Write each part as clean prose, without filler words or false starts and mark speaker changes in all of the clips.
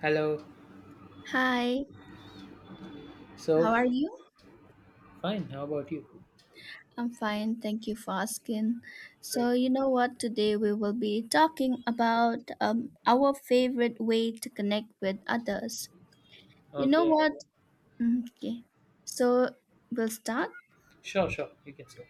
Speaker 1: Hello.
Speaker 2: Hi, how
Speaker 1: So,
Speaker 2: are you?
Speaker 1: fine. How about you?
Speaker 2: I'm fine, thank you for asking. So,
Speaker 1: Great.
Speaker 2: you know what? Today we will be talking about our favorite way to connect with others. You know
Speaker 1: Okay.
Speaker 2: what? Okay, so we'll start.
Speaker 1: Sure. You can say.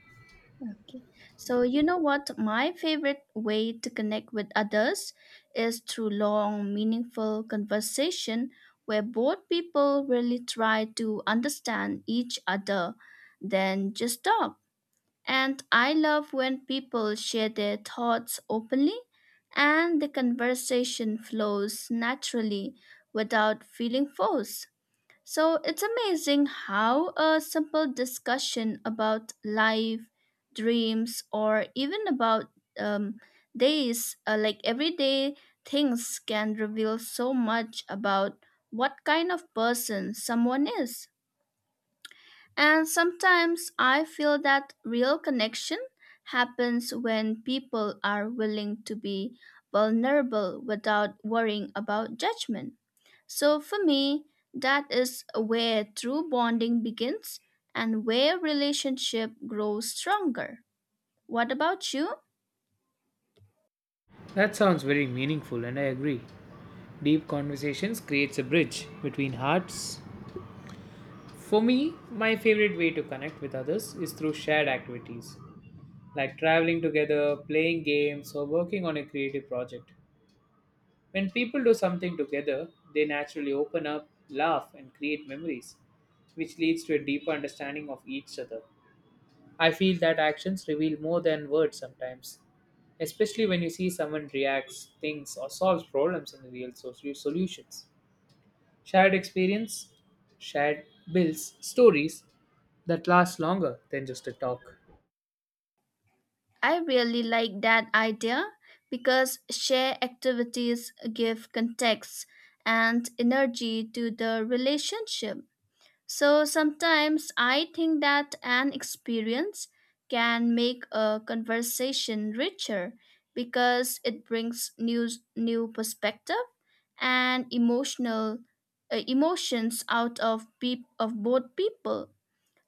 Speaker 2: Okay, so you know what? My favorite way to connect with others is through long, meaningful conversation where both people really try to understand each other, then just talk. And I love when people share their thoughts openly and the conversation flows naturally without feeling forced. So it's amazing how a simple discussion about life, dreams, or even about um, days, like everyday things, can reveal so much about what kind of person someone is. And sometimes I feel that real connection happens when people are willing to be vulnerable without worrying about judgment. So for me, that is where true bonding begins and where relationship grows stronger. What about you?
Speaker 1: That sounds very meaningful, and I agree. Deep conversations creates a bridge between hearts. For me, my favorite way to connect with others is through shared activities, like traveling together, playing games, or working on a creative project. When people do something together, they naturally open up, laugh, and create memories, which leads to a deeper understanding of each other. I feel that actions reveal more than words sometimes, especially when you see someone reacts, thinks, or solves problems in solutions. Shared experience, shared builds stories that last longer than just a talk.
Speaker 2: I really like that idea because shared activities give context and energy to the relationship. So sometimes I think that an experience can make a conversation richer because it brings new perspective and emotional emotions out of of both people.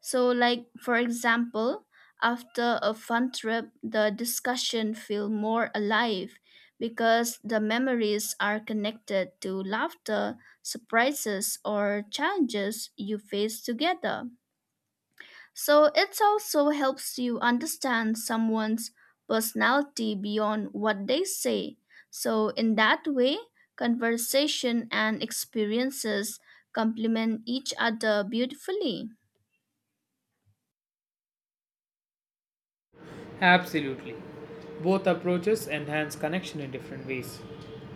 Speaker 2: So, like for example, after a fun trip, the discussion feel more alive because the memories are connected to laughter, surprises, or challenges you face together. So, it also helps you understand someone's personality beyond what they say. So, in that way, conversation and experiences complement each other beautifully.
Speaker 1: Absolutely. Both approaches enhance connection in different ways.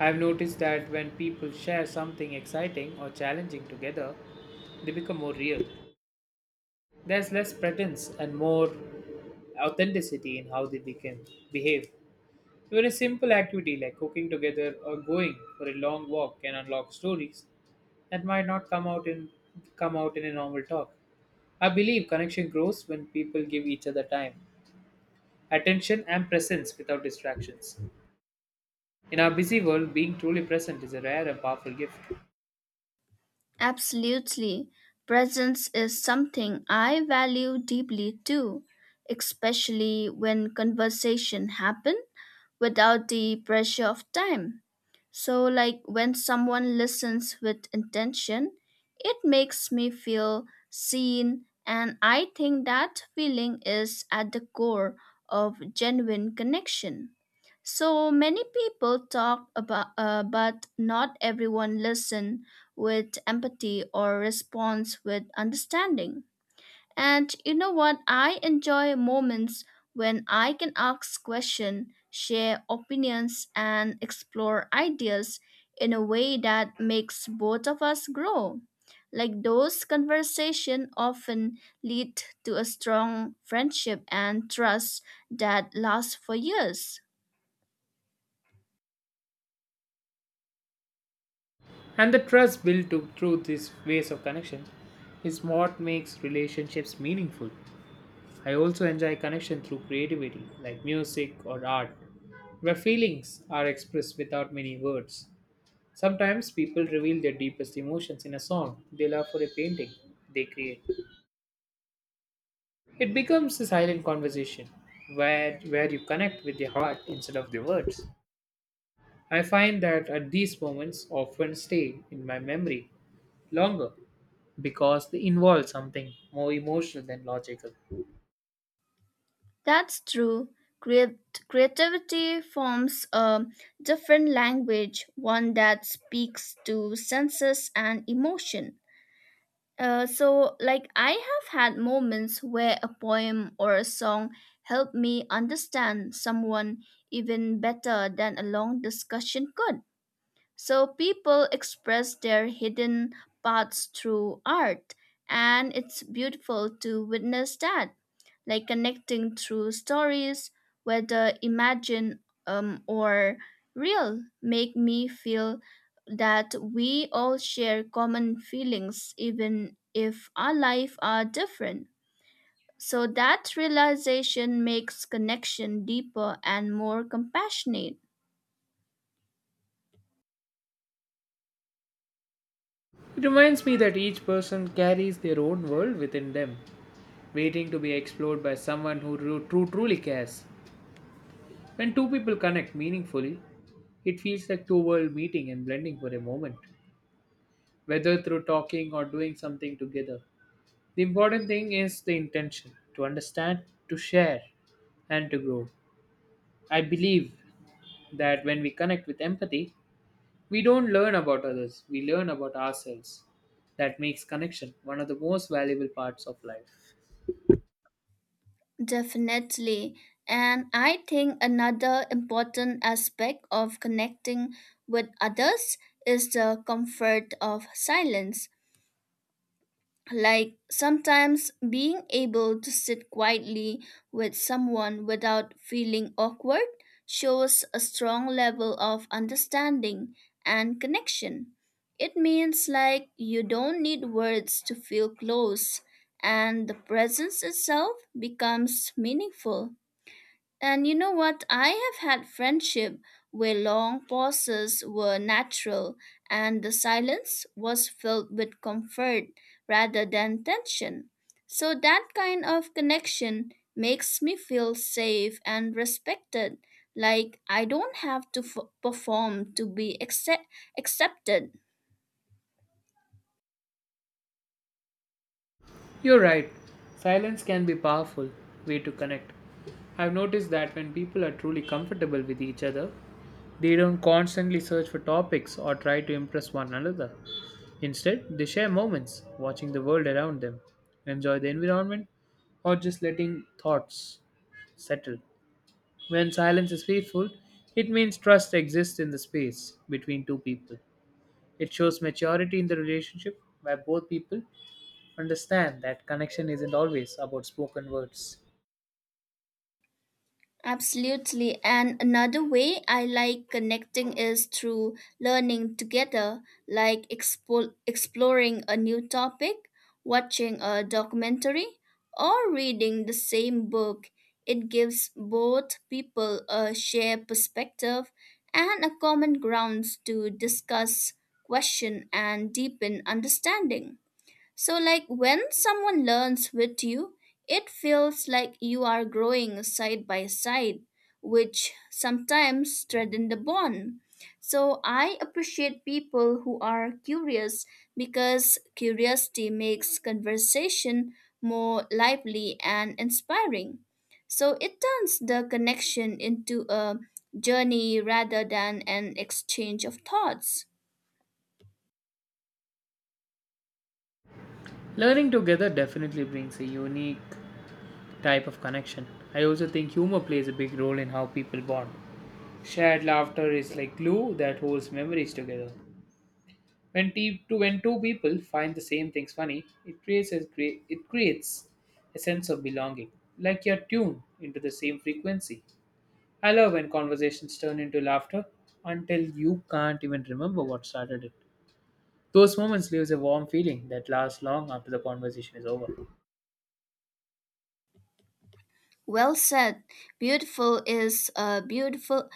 Speaker 1: I've noticed that when people share something exciting or challenging together, they become more real. There's less pretense and more authenticity in how behave. Even a simple activity like cooking together or going for a long walk can unlock stories that might not come out in a normal talk. I believe connection grows when people give each other time, attention and presence without distractions. In our busy world, being truly present is a rare and powerful gift.
Speaker 2: Absolutely. Presence is something I value deeply too, especially when conversation happen without the pressure of time. So like when someone listens with intention, it makes me feel seen, and I think that feeling is at the core of genuine connection. So many people talk about, but not everyone listen with empathy or responds with understanding. And you know what? I enjoy moments when I can ask questions, share opinions, and explore ideas in a way that makes both of us grow. Like those conversations often lead to a strong friendship and trust that lasts for years.
Speaker 1: And the through these ways of connections is what makes relationships meaningful. I also enjoy connection through creativity, like music or art, where feelings are expressed without many words. Sometimes people reveal their deepest emotions in a song they love or a painting they create. It becomes a silent conversation where you connect with the heart instead of the words. I find that at these moments often stay in my memory longer because they involve something more emotional than logical.
Speaker 2: That's true. Creativity forms a different language, one that speaks to senses and emotion. So, like, I have had moments where a poem or a song helped me understand someone even better than a long discussion could. So, people express their hidden parts through art, and it's beautiful to witness that, like connecting through stories, whether imagined or real, make me feel that we all share common feelings, even if our life are different. So that realization makes connection deeper and more compassionate.
Speaker 1: It reminds me that each person carries their own world within them, waiting to be explored by someone who truly cares. When two people connect meaningfully, it feels like two worlds meeting and blending for a moment, whether through talking or doing something together. The important thing is the intention to understand, to share, and to grow. I believe that when we connect with empathy, we don't learn about others, we learn about ourselves. That makes connection one of the most valuable parts of life.
Speaker 2: Definitely. And I think another important aspect of connecting with others is the comfort of silence. Like sometimes being able to sit quietly with someone without feeling awkward shows a strong level of understanding and connection. It means like you don't need words to feel close and the presence itself becomes meaningful. And you know what? I have had friendship where long pauses were natural and the silence was filled with comfort rather than tension. So that kind of connection makes me feel safe and respected, like I don't have to perform to be accepted.
Speaker 1: You're right. Silence can be a powerful way to connect. I've noticed that when people are truly comfortable with each other, they don't constantly search for topics or try to impress one another. Instead, they share moments watching the world around them, enjoy the environment, or just letting thoughts settle. When silence is faithful, it means trust exists in the space between two people. It shows maturity in the relationship where both people understand that connection isn't always about spoken words.
Speaker 2: Absolutely. And another way I like connecting is through learning together, like exploring a new topic, watching a documentary, or reading the same book. It gives both people a shared perspective and a common grounds to discuss, question, and deepen understanding. So, like when someone learns with you, it feels like you are growing side by side, which sometimes strengthen the bond. So, I appreciate people who are curious because curiosity makes conversation more lively and inspiring. So, it turns the connection into a journey rather than an exchange of thoughts.
Speaker 1: Learning together definitely brings a unique type of connection. I also think humor plays a big role in how people bond. Shared laughter is like glue that holds memories together. When two people find the same things funny, it creates a sense of belonging, like you're tuned into the same frequency. I love when conversations turn into laughter until you can't even remember what started it. Those moments leaves a warm feeling that lasts long after the conversation is over.
Speaker 2: Well said. Beautiful is a beautiful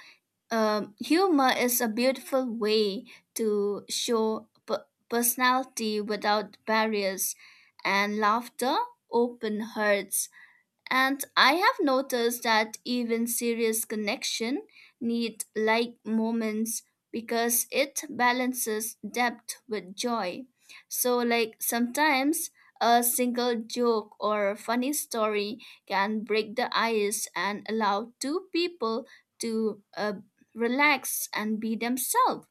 Speaker 2: Humor is a beautiful way to show personality without barriers, and laughter open hearts. And I have noticed that even serious connection need like moments because it balances depth with joy. So like sometimes a single joke or a funny story can break the ice and allow two people to relax and be themselves.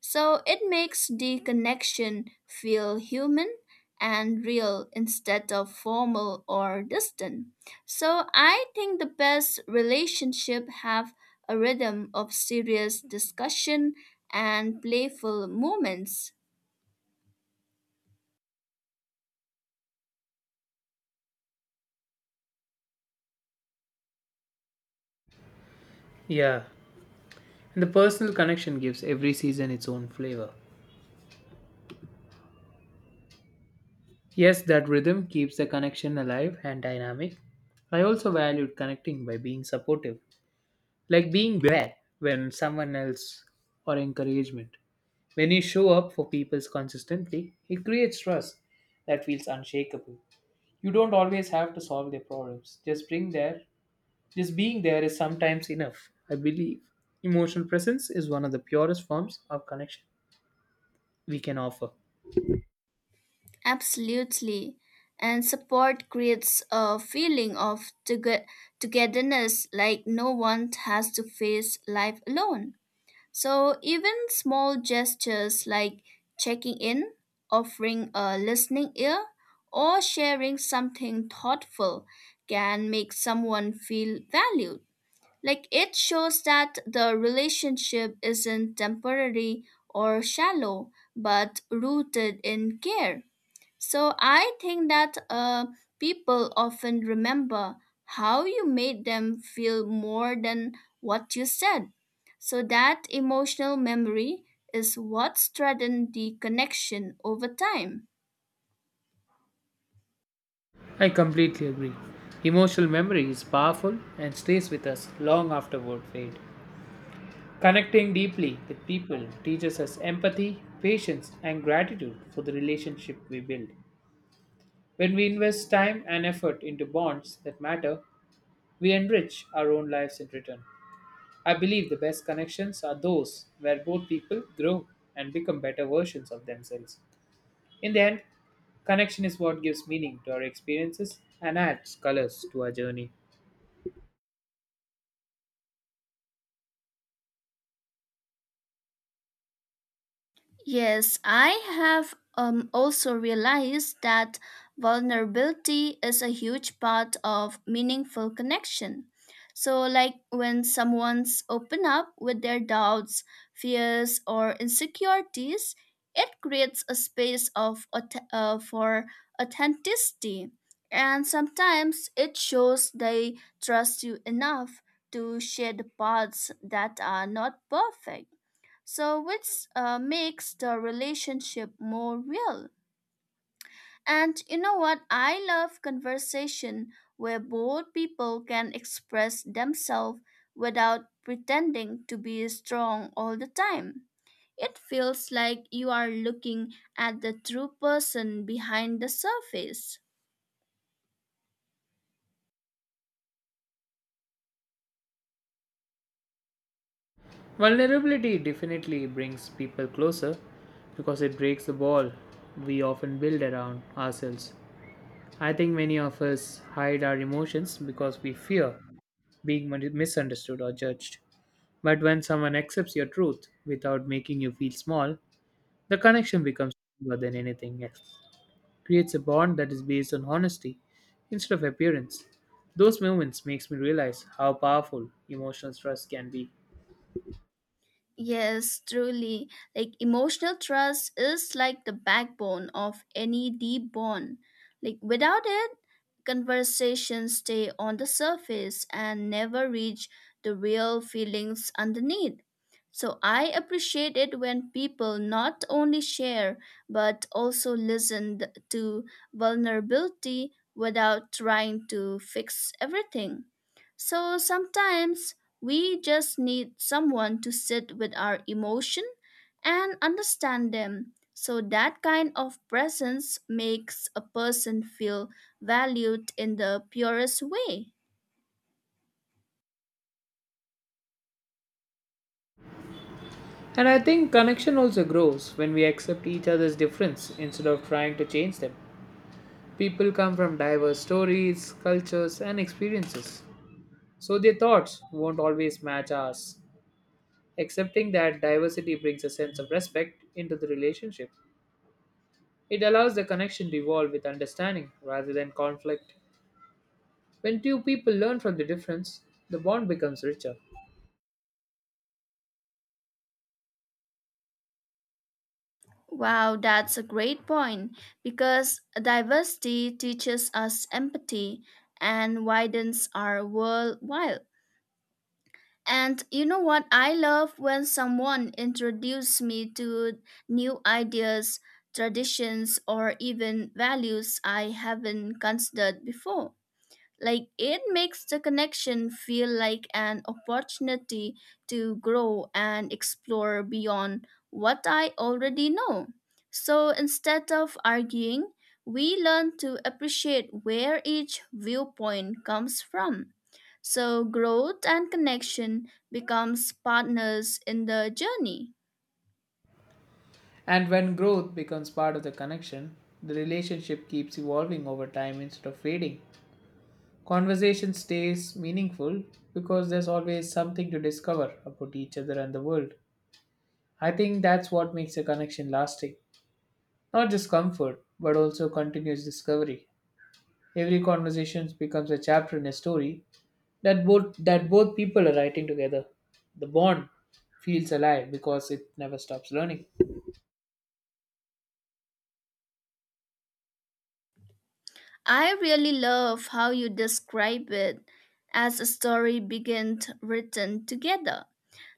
Speaker 2: So it makes the connection feel human and real instead of formal or distant. So I think the best relationship have a rhythm of serious discussion and playful moments.
Speaker 1: Yeah, and the personal connection gives every season its own flavor. Yes, that rhythm keeps the connection alive and dynamic. I also valued connecting by being supportive, like being there when someone else or encouragement. When you show up for people consistently, it creates trust that feels unshakable. You don't always have to solve their problems. Just being there is sometimes enough, I believe. Emotional presence is one of the purest forms of connection we can offer.
Speaker 2: Absolutely. And support creates a feeling of togetherness, like no one has to face life alone. So even small gestures like checking in, offering a listening ear, or sharing something thoughtful can make someone feel valued. Like it shows that the relationship isn't temporary or shallow, but rooted in care. So I think that people often remember how you made them feel more than what you said. So that emotional memory is what strengthens the connection over time.
Speaker 1: I completely agree. Emotional memory is powerful and stays with us long after word fade. Connecting deeply with people teaches us empathy, patience, and gratitude for the relationship we build. When we invest time and effort into bonds that matter, we enrich our own lives in return. I believe the best connections are those where both people grow and become better versions of themselves. In the end, connection is what gives meaning to our experiences and adds colors to our journey.
Speaker 2: Yes, I have also realized that vulnerability is a huge part of meaningful connection. So, like when someone's open up with their doubts, fears, or insecurities, it creates a space of for authenticity, and sometimes it shows they trust you enough to share the parts that are not perfect. So, which makes the relationship more real. And you know what? I love conversation where both people can express themselves without pretending to be strong all the time. It feels like you are looking at the true person behind the surface.
Speaker 1: Vulnerability definitely brings people closer because it breaks the wall we often build around ourselves. I think many of us hide our emotions because we fear being misunderstood or judged. But when someone accepts your truth without making you feel small, the connection becomes stronger than anything else, creates a bond that is based on honesty instead of appearance. Those moments makes me realize how powerful emotional trust can be.
Speaker 2: Yes, truly. Like emotional trust is like the backbone of any deep bond. Like without it, conversations stay on the surface and never reach the real feelings underneath. So I appreciate it when people not only share but also listen to vulnerability without trying to fix everything. So sometimes we just need someone to sit with our emotion and understand them. So that kind of presence makes a person feel valued in the purest way.
Speaker 1: And I think connection also grows when we accept each other's difference instead of trying to change them. People come from diverse stories, cultures, and experiences, so their thoughts won't always match ours. Accepting that diversity brings a sense of respect into the relationship. It allows the connection to evolve with understanding rather than conflict. When two people learn from the difference, the bond becomes richer.
Speaker 2: Wow, that's a great point because diversity teaches us empathy and widens our worldwide. And you know what? I love when someone introduces me to new ideas, traditions, or even values I haven't considered before. Like it makes the connection feel like an opportunity to grow and explore beyond what I already know. So instead of arguing, we learn to appreciate where each viewpoint comes from. So growth and connection becomes partners in the journey.
Speaker 1: And when growth becomes part of the connection, the relationship keeps evolving over time instead of fading. Conversation stays meaningful because there's always something to discover about each other and the world. I think that's what makes a connection lasting. Not just comfort, but also continuous discovery. Every conversation becomes a chapter in a story that both people are writing together. The bond feels alive because it never stops learning.
Speaker 2: I really love how you describe it as a story begins written together.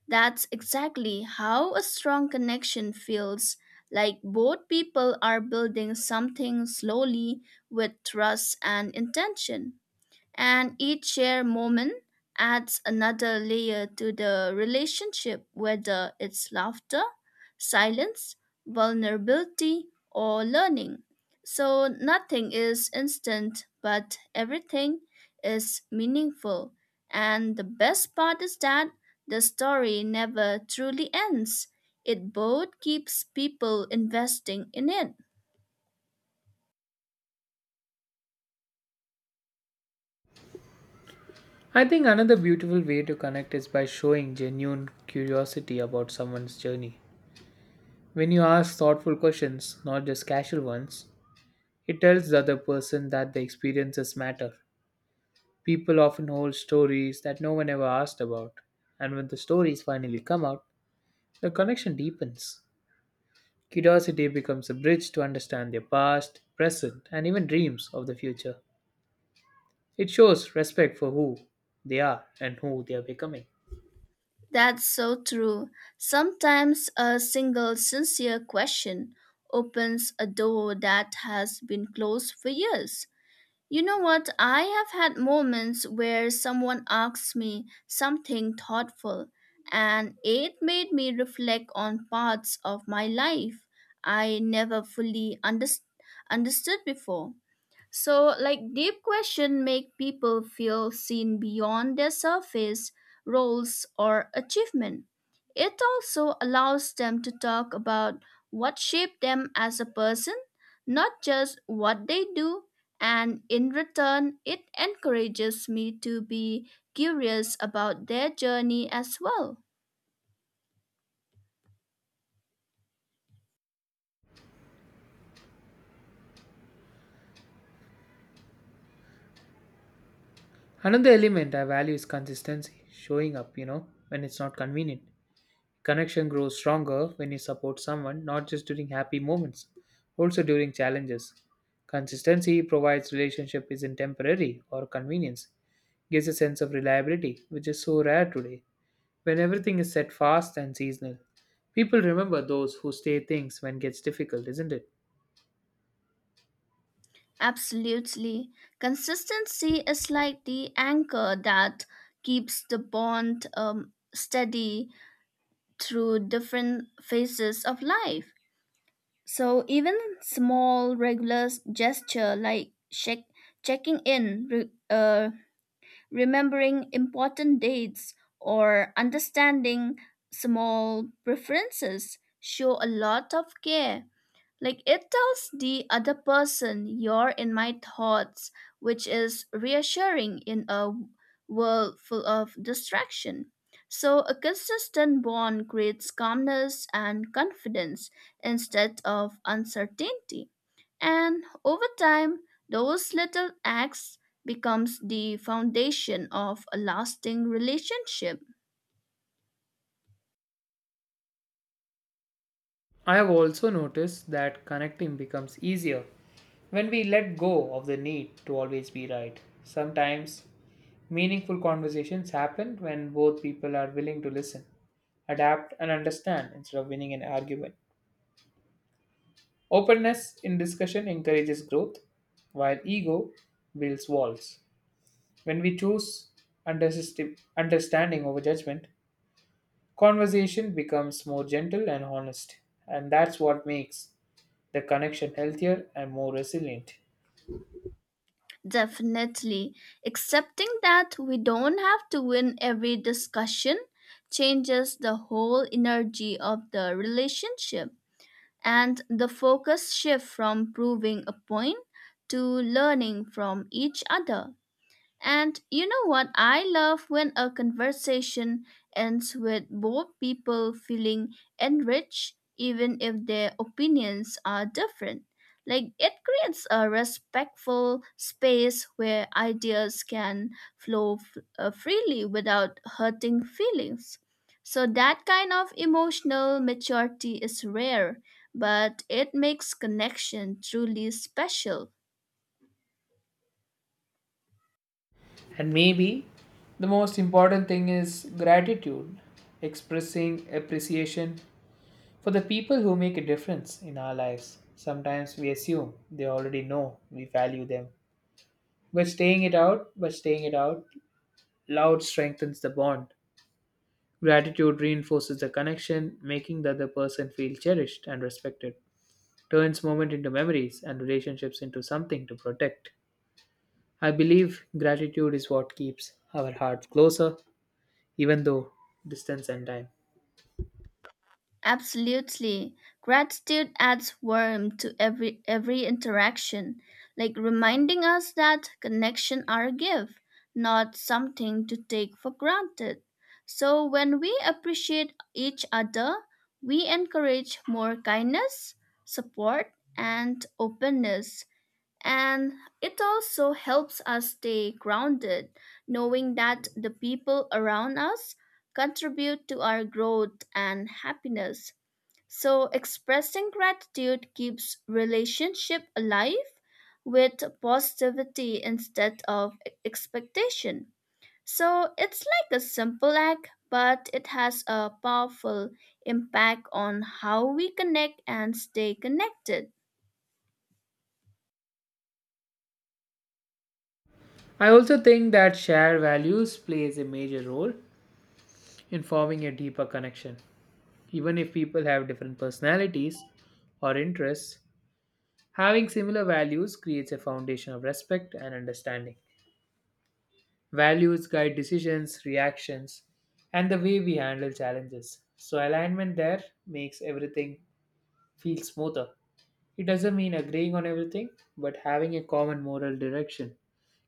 Speaker 2: That's exactly how a strong connection feels, like both people are building something slowly with trust and intention, and each shared moment adds another layer to the relationship, whether it's laughter, silence, vulnerability, or learning. So nothing is instant, but everything is meaningful. And the best part is that the story never truly ends. It both keeps people investing in it.
Speaker 1: I think another beautiful way to connect is by showing genuine curiosity about someone's journey. When you ask thoughtful questions, not just casual ones, it tells the other person that the experiences matter. People often hold stories that no one ever asked about, and when the stories finally come out, the connection deepens. Curiosity becomes a bridge to understand their past, present, and even dreams of the future. It shows respect for who they are and who they are becoming.
Speaker 2: That's so true. Sometimes a single sincere question opens a door that has been closed for years. You know what? I have had moments where someone asks me something thoughtful, and it made me reflect on parts of my life I never fully understood before. So, like, deep questions make people feel seen beyond their surface roles or achievement. It also allows them to talk about what shaped them as a person, not just what they do. And in return, it encourages me to be curious about their journey as well.
Speaker 1: Another element I value is consistency, showing up, you know, when it's not convenient. Connection grows stronger when you support someone, not just during happy moments, also during challenges. Consistency provides relationship isn't temporary or convenience, gives a sense of reliability, which is so rare today. When everything is set fast and seasonal, people remember those who stay things when gets difficult, isn't it?
Speaker 2: Absolutely. Consistency is like the anchor that keeps the bond steady through different phases of life. So even small regular gesture like checking in, remembering important dates, or understanding small preferences show a lot of care. Like it tells the other person you're in my thoughts, which is reassuring in a world full of distraction. So, a consistent bond creates calmness and confidence instead of uncertainty. And over time, those little acts becomes the foundation of a lasting relationship.
Speaker 1: I have also noticed that connecting becomes easier when we let go of the need to always be right. Sometimes meaningful conversations happen when both people are willing to listen, adapt, and understand instead of winning an argument. Openness in discussion encourages growth, while ego builds walls. When we choose understanding over judgment, conversation becomes more gentle and honest, and that's what makes the connection healthier and more resilient.
Speaker 2: Definitely. Accepting that we don't have to win every discussion changes the whole energy of the relationship. And the focus shift from proving a point to learning from each other. And you know what? I love when a conversation ends with both people feeling enriched, even if their opinions are different. Like it creates a respectful space where ideas can freely without hurting feelings. So, that kind of emotional maturity is rare, but it makes connection truly special.
Speaker 1: And maybe the most important thing is gratitude, expressing appreciation for the people who make a difference in our lives. Sometimes we assume they already know we value them. But staying it out loud strengthens the bond. Gratitude reinforces the connection, making the other person feel cherished and respected. Turns moments into memories and relationships into something to protect. I believe gratitude is what keeps our hearts closer, even though distance and time.
Speaker 2: Absolutely. Gratitude adds warmth to every interaction, like reminding us that connection are a gift, not something to take for granted. So when we appreciate each other, we encourage more kindness, support, and openness. And it also helps us stay grounded, knowing that the people around us contribute to our growth and happiness. So expressing gratitude keeps relationship alive with positivity instead of expectation. So it's like a simple act, but it has a powerful impact on how we connect and stay connected.
Speaker 1: I also think that shared values plays a major role in forming a deeper connection. Even if people have different personalities or interests, having similar values creates a foundation of respect and understanding. Values guide decisions, reactions, and the way we handle challenges. So, alignment there makes everything feel smoother. It doesn't mean agreeing on everything, but having a common moral direction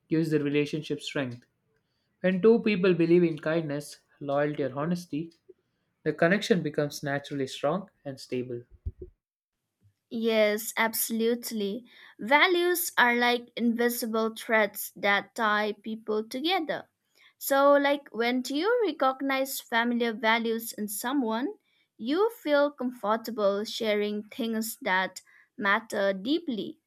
Speaker 1: gives the relationship strength. When two people believe in kindness, loyalty, or honesty, the connection becomes naturally strong and stable.
Speaker 2: Yes, absolutely. Values are like invisible threads that tie people together. So, like when you recognize familiar values in someone, you feel comfortable sharing things that matter deeply.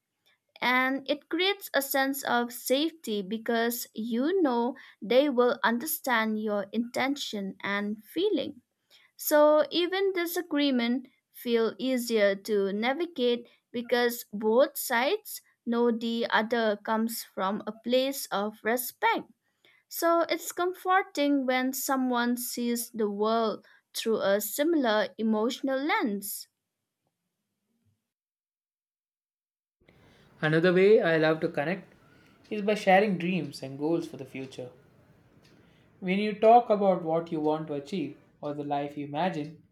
Speaker 2: And it creates a sense of safety because you know they will understand your intention and feeling. So even disagreement feel easier to navigate because both sides know the other comes from a place of respect. So it's comforting when someone sees the world through a similar emotional lens.
Speaker 1: Another way I love to connect is by sharing dreams and goals for the future. When you talk about what you want to achieve or the life you imagine,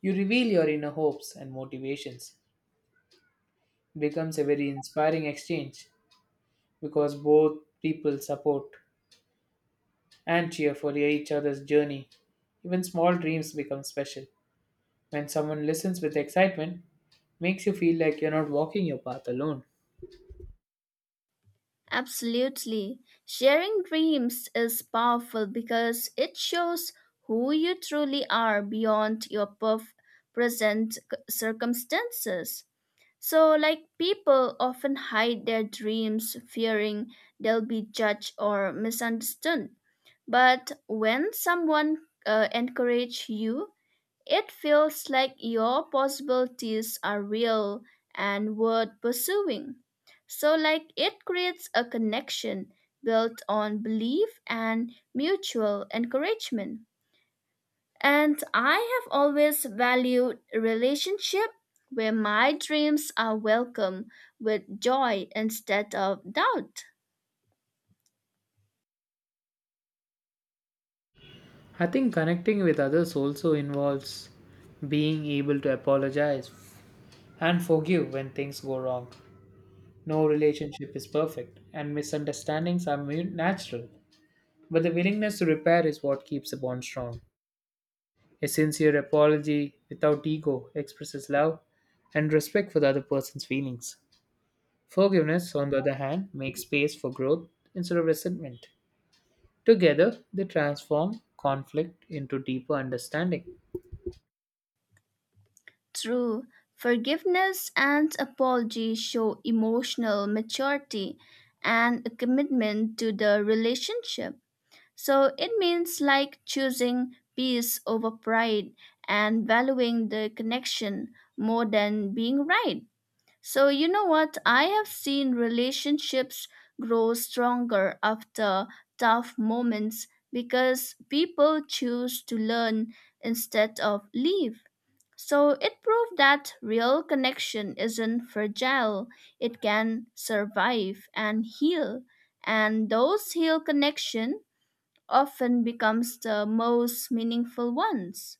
Speaker 1: you reveal your inner hopes and motivations. It becomes a very inspiring exchange because both people support and cheer for each other's journey. Even small dreams become special. When someone listens with excitement, makes you feel like you're not walking your path alone.
Speaker 2: Absolutely. Sharing dreams is powerful because it shows who you truly are beyond your present c- circumstances. So, like, people often hide their dreams fearing they'll be judged or misunderstood. But when someone encourages you, it feels like your possibilities are real and worth pursuing. So, like, it creates a connection built on belief and mutual encouragement. And I have always valued a relationship where my dreams are welcome with joy instead of doubt.
Speaker 1: I think connecting with others also involves being able to apologize and forgive when things go wrong. No relationship is perfect, and misunderstandings are natural, but the willingness to repair is what keeps the bond strong. A sincere apology without ego expresses love and respect for the other person's feelings. Forgiveness, on the other hand, makes space for growth instead of resentment. Together, they transform conflict into deeper understanding.
Speaker 2: True, forgiveness and apology show emotional maturity and a commitment to the relationship. So it means like choosing peace over pride and valuing the connection more than being right. So, you know what? I have seen relationships grow stronger after tough moments because people choose to learn instead of leave. So, it proved that real connection isn't fragile, it can survive and heal. And those heal connection often becomes the most meaningful ones.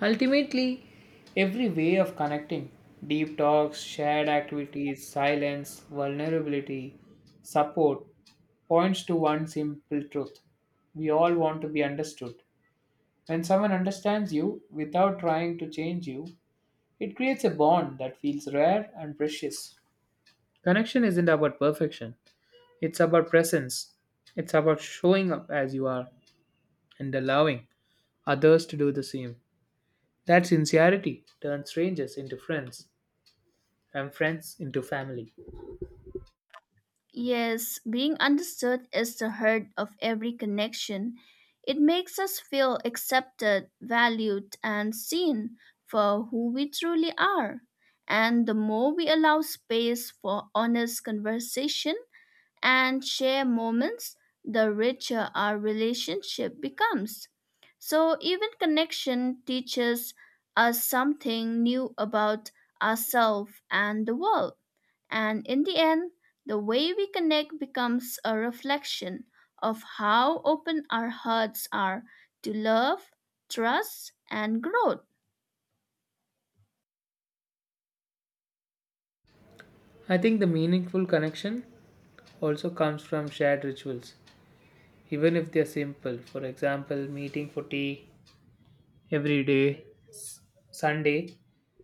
Speaker 1: Ultimately, every way of connecting, deep talks, shared activities, silence, vulnerability, support, points to one simple truth. We all want to be understood. When someone understands you without trying to change you, it creates a bond that feels rare and precious. Connection isn't about perfection, it's about presence. It's about showing up as you are and allowing others to do the same. That sincerity turns strangers into friends and friends into family.
Speaker 2: Yes, being understood is the heart of every connection. It makes us feel accepted, valued, and seen for who we truly are. And the more we allow space for honest conversation and share moments, the richer our relationship becomes. So, even connection teaches us something new about ourselves and the world. And in the end, the way we connect becomes a reflection of how open our hearts are to love, trust, and growth.
Speaker 1: I think the meaningful connection also comes from shared rituals, even if they're simple. For example, meeting for tea every day, Sunday,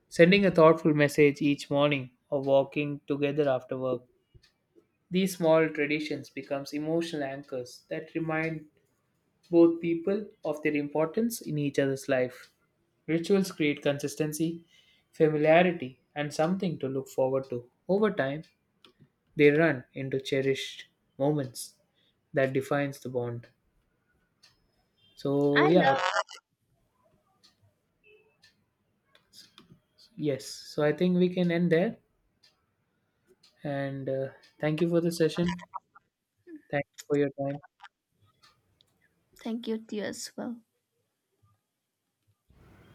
Speaker 1: sending a thoughtful message each morning, or walking together after work. These small traditions becomes emotional anchors that remind both people of their importance in each other's life. Rituals create consistency, familiarity, and something to look forward to. Over time, they run into cherished moments that defines the bond.
Speaker 2: I
Speaker 1: So yeah,
Speaker 2: love,
Speaker 1: yes. So I think we can end there. And thank you for the session. Thank you for your time.
Speaker 2: thank you to you as well.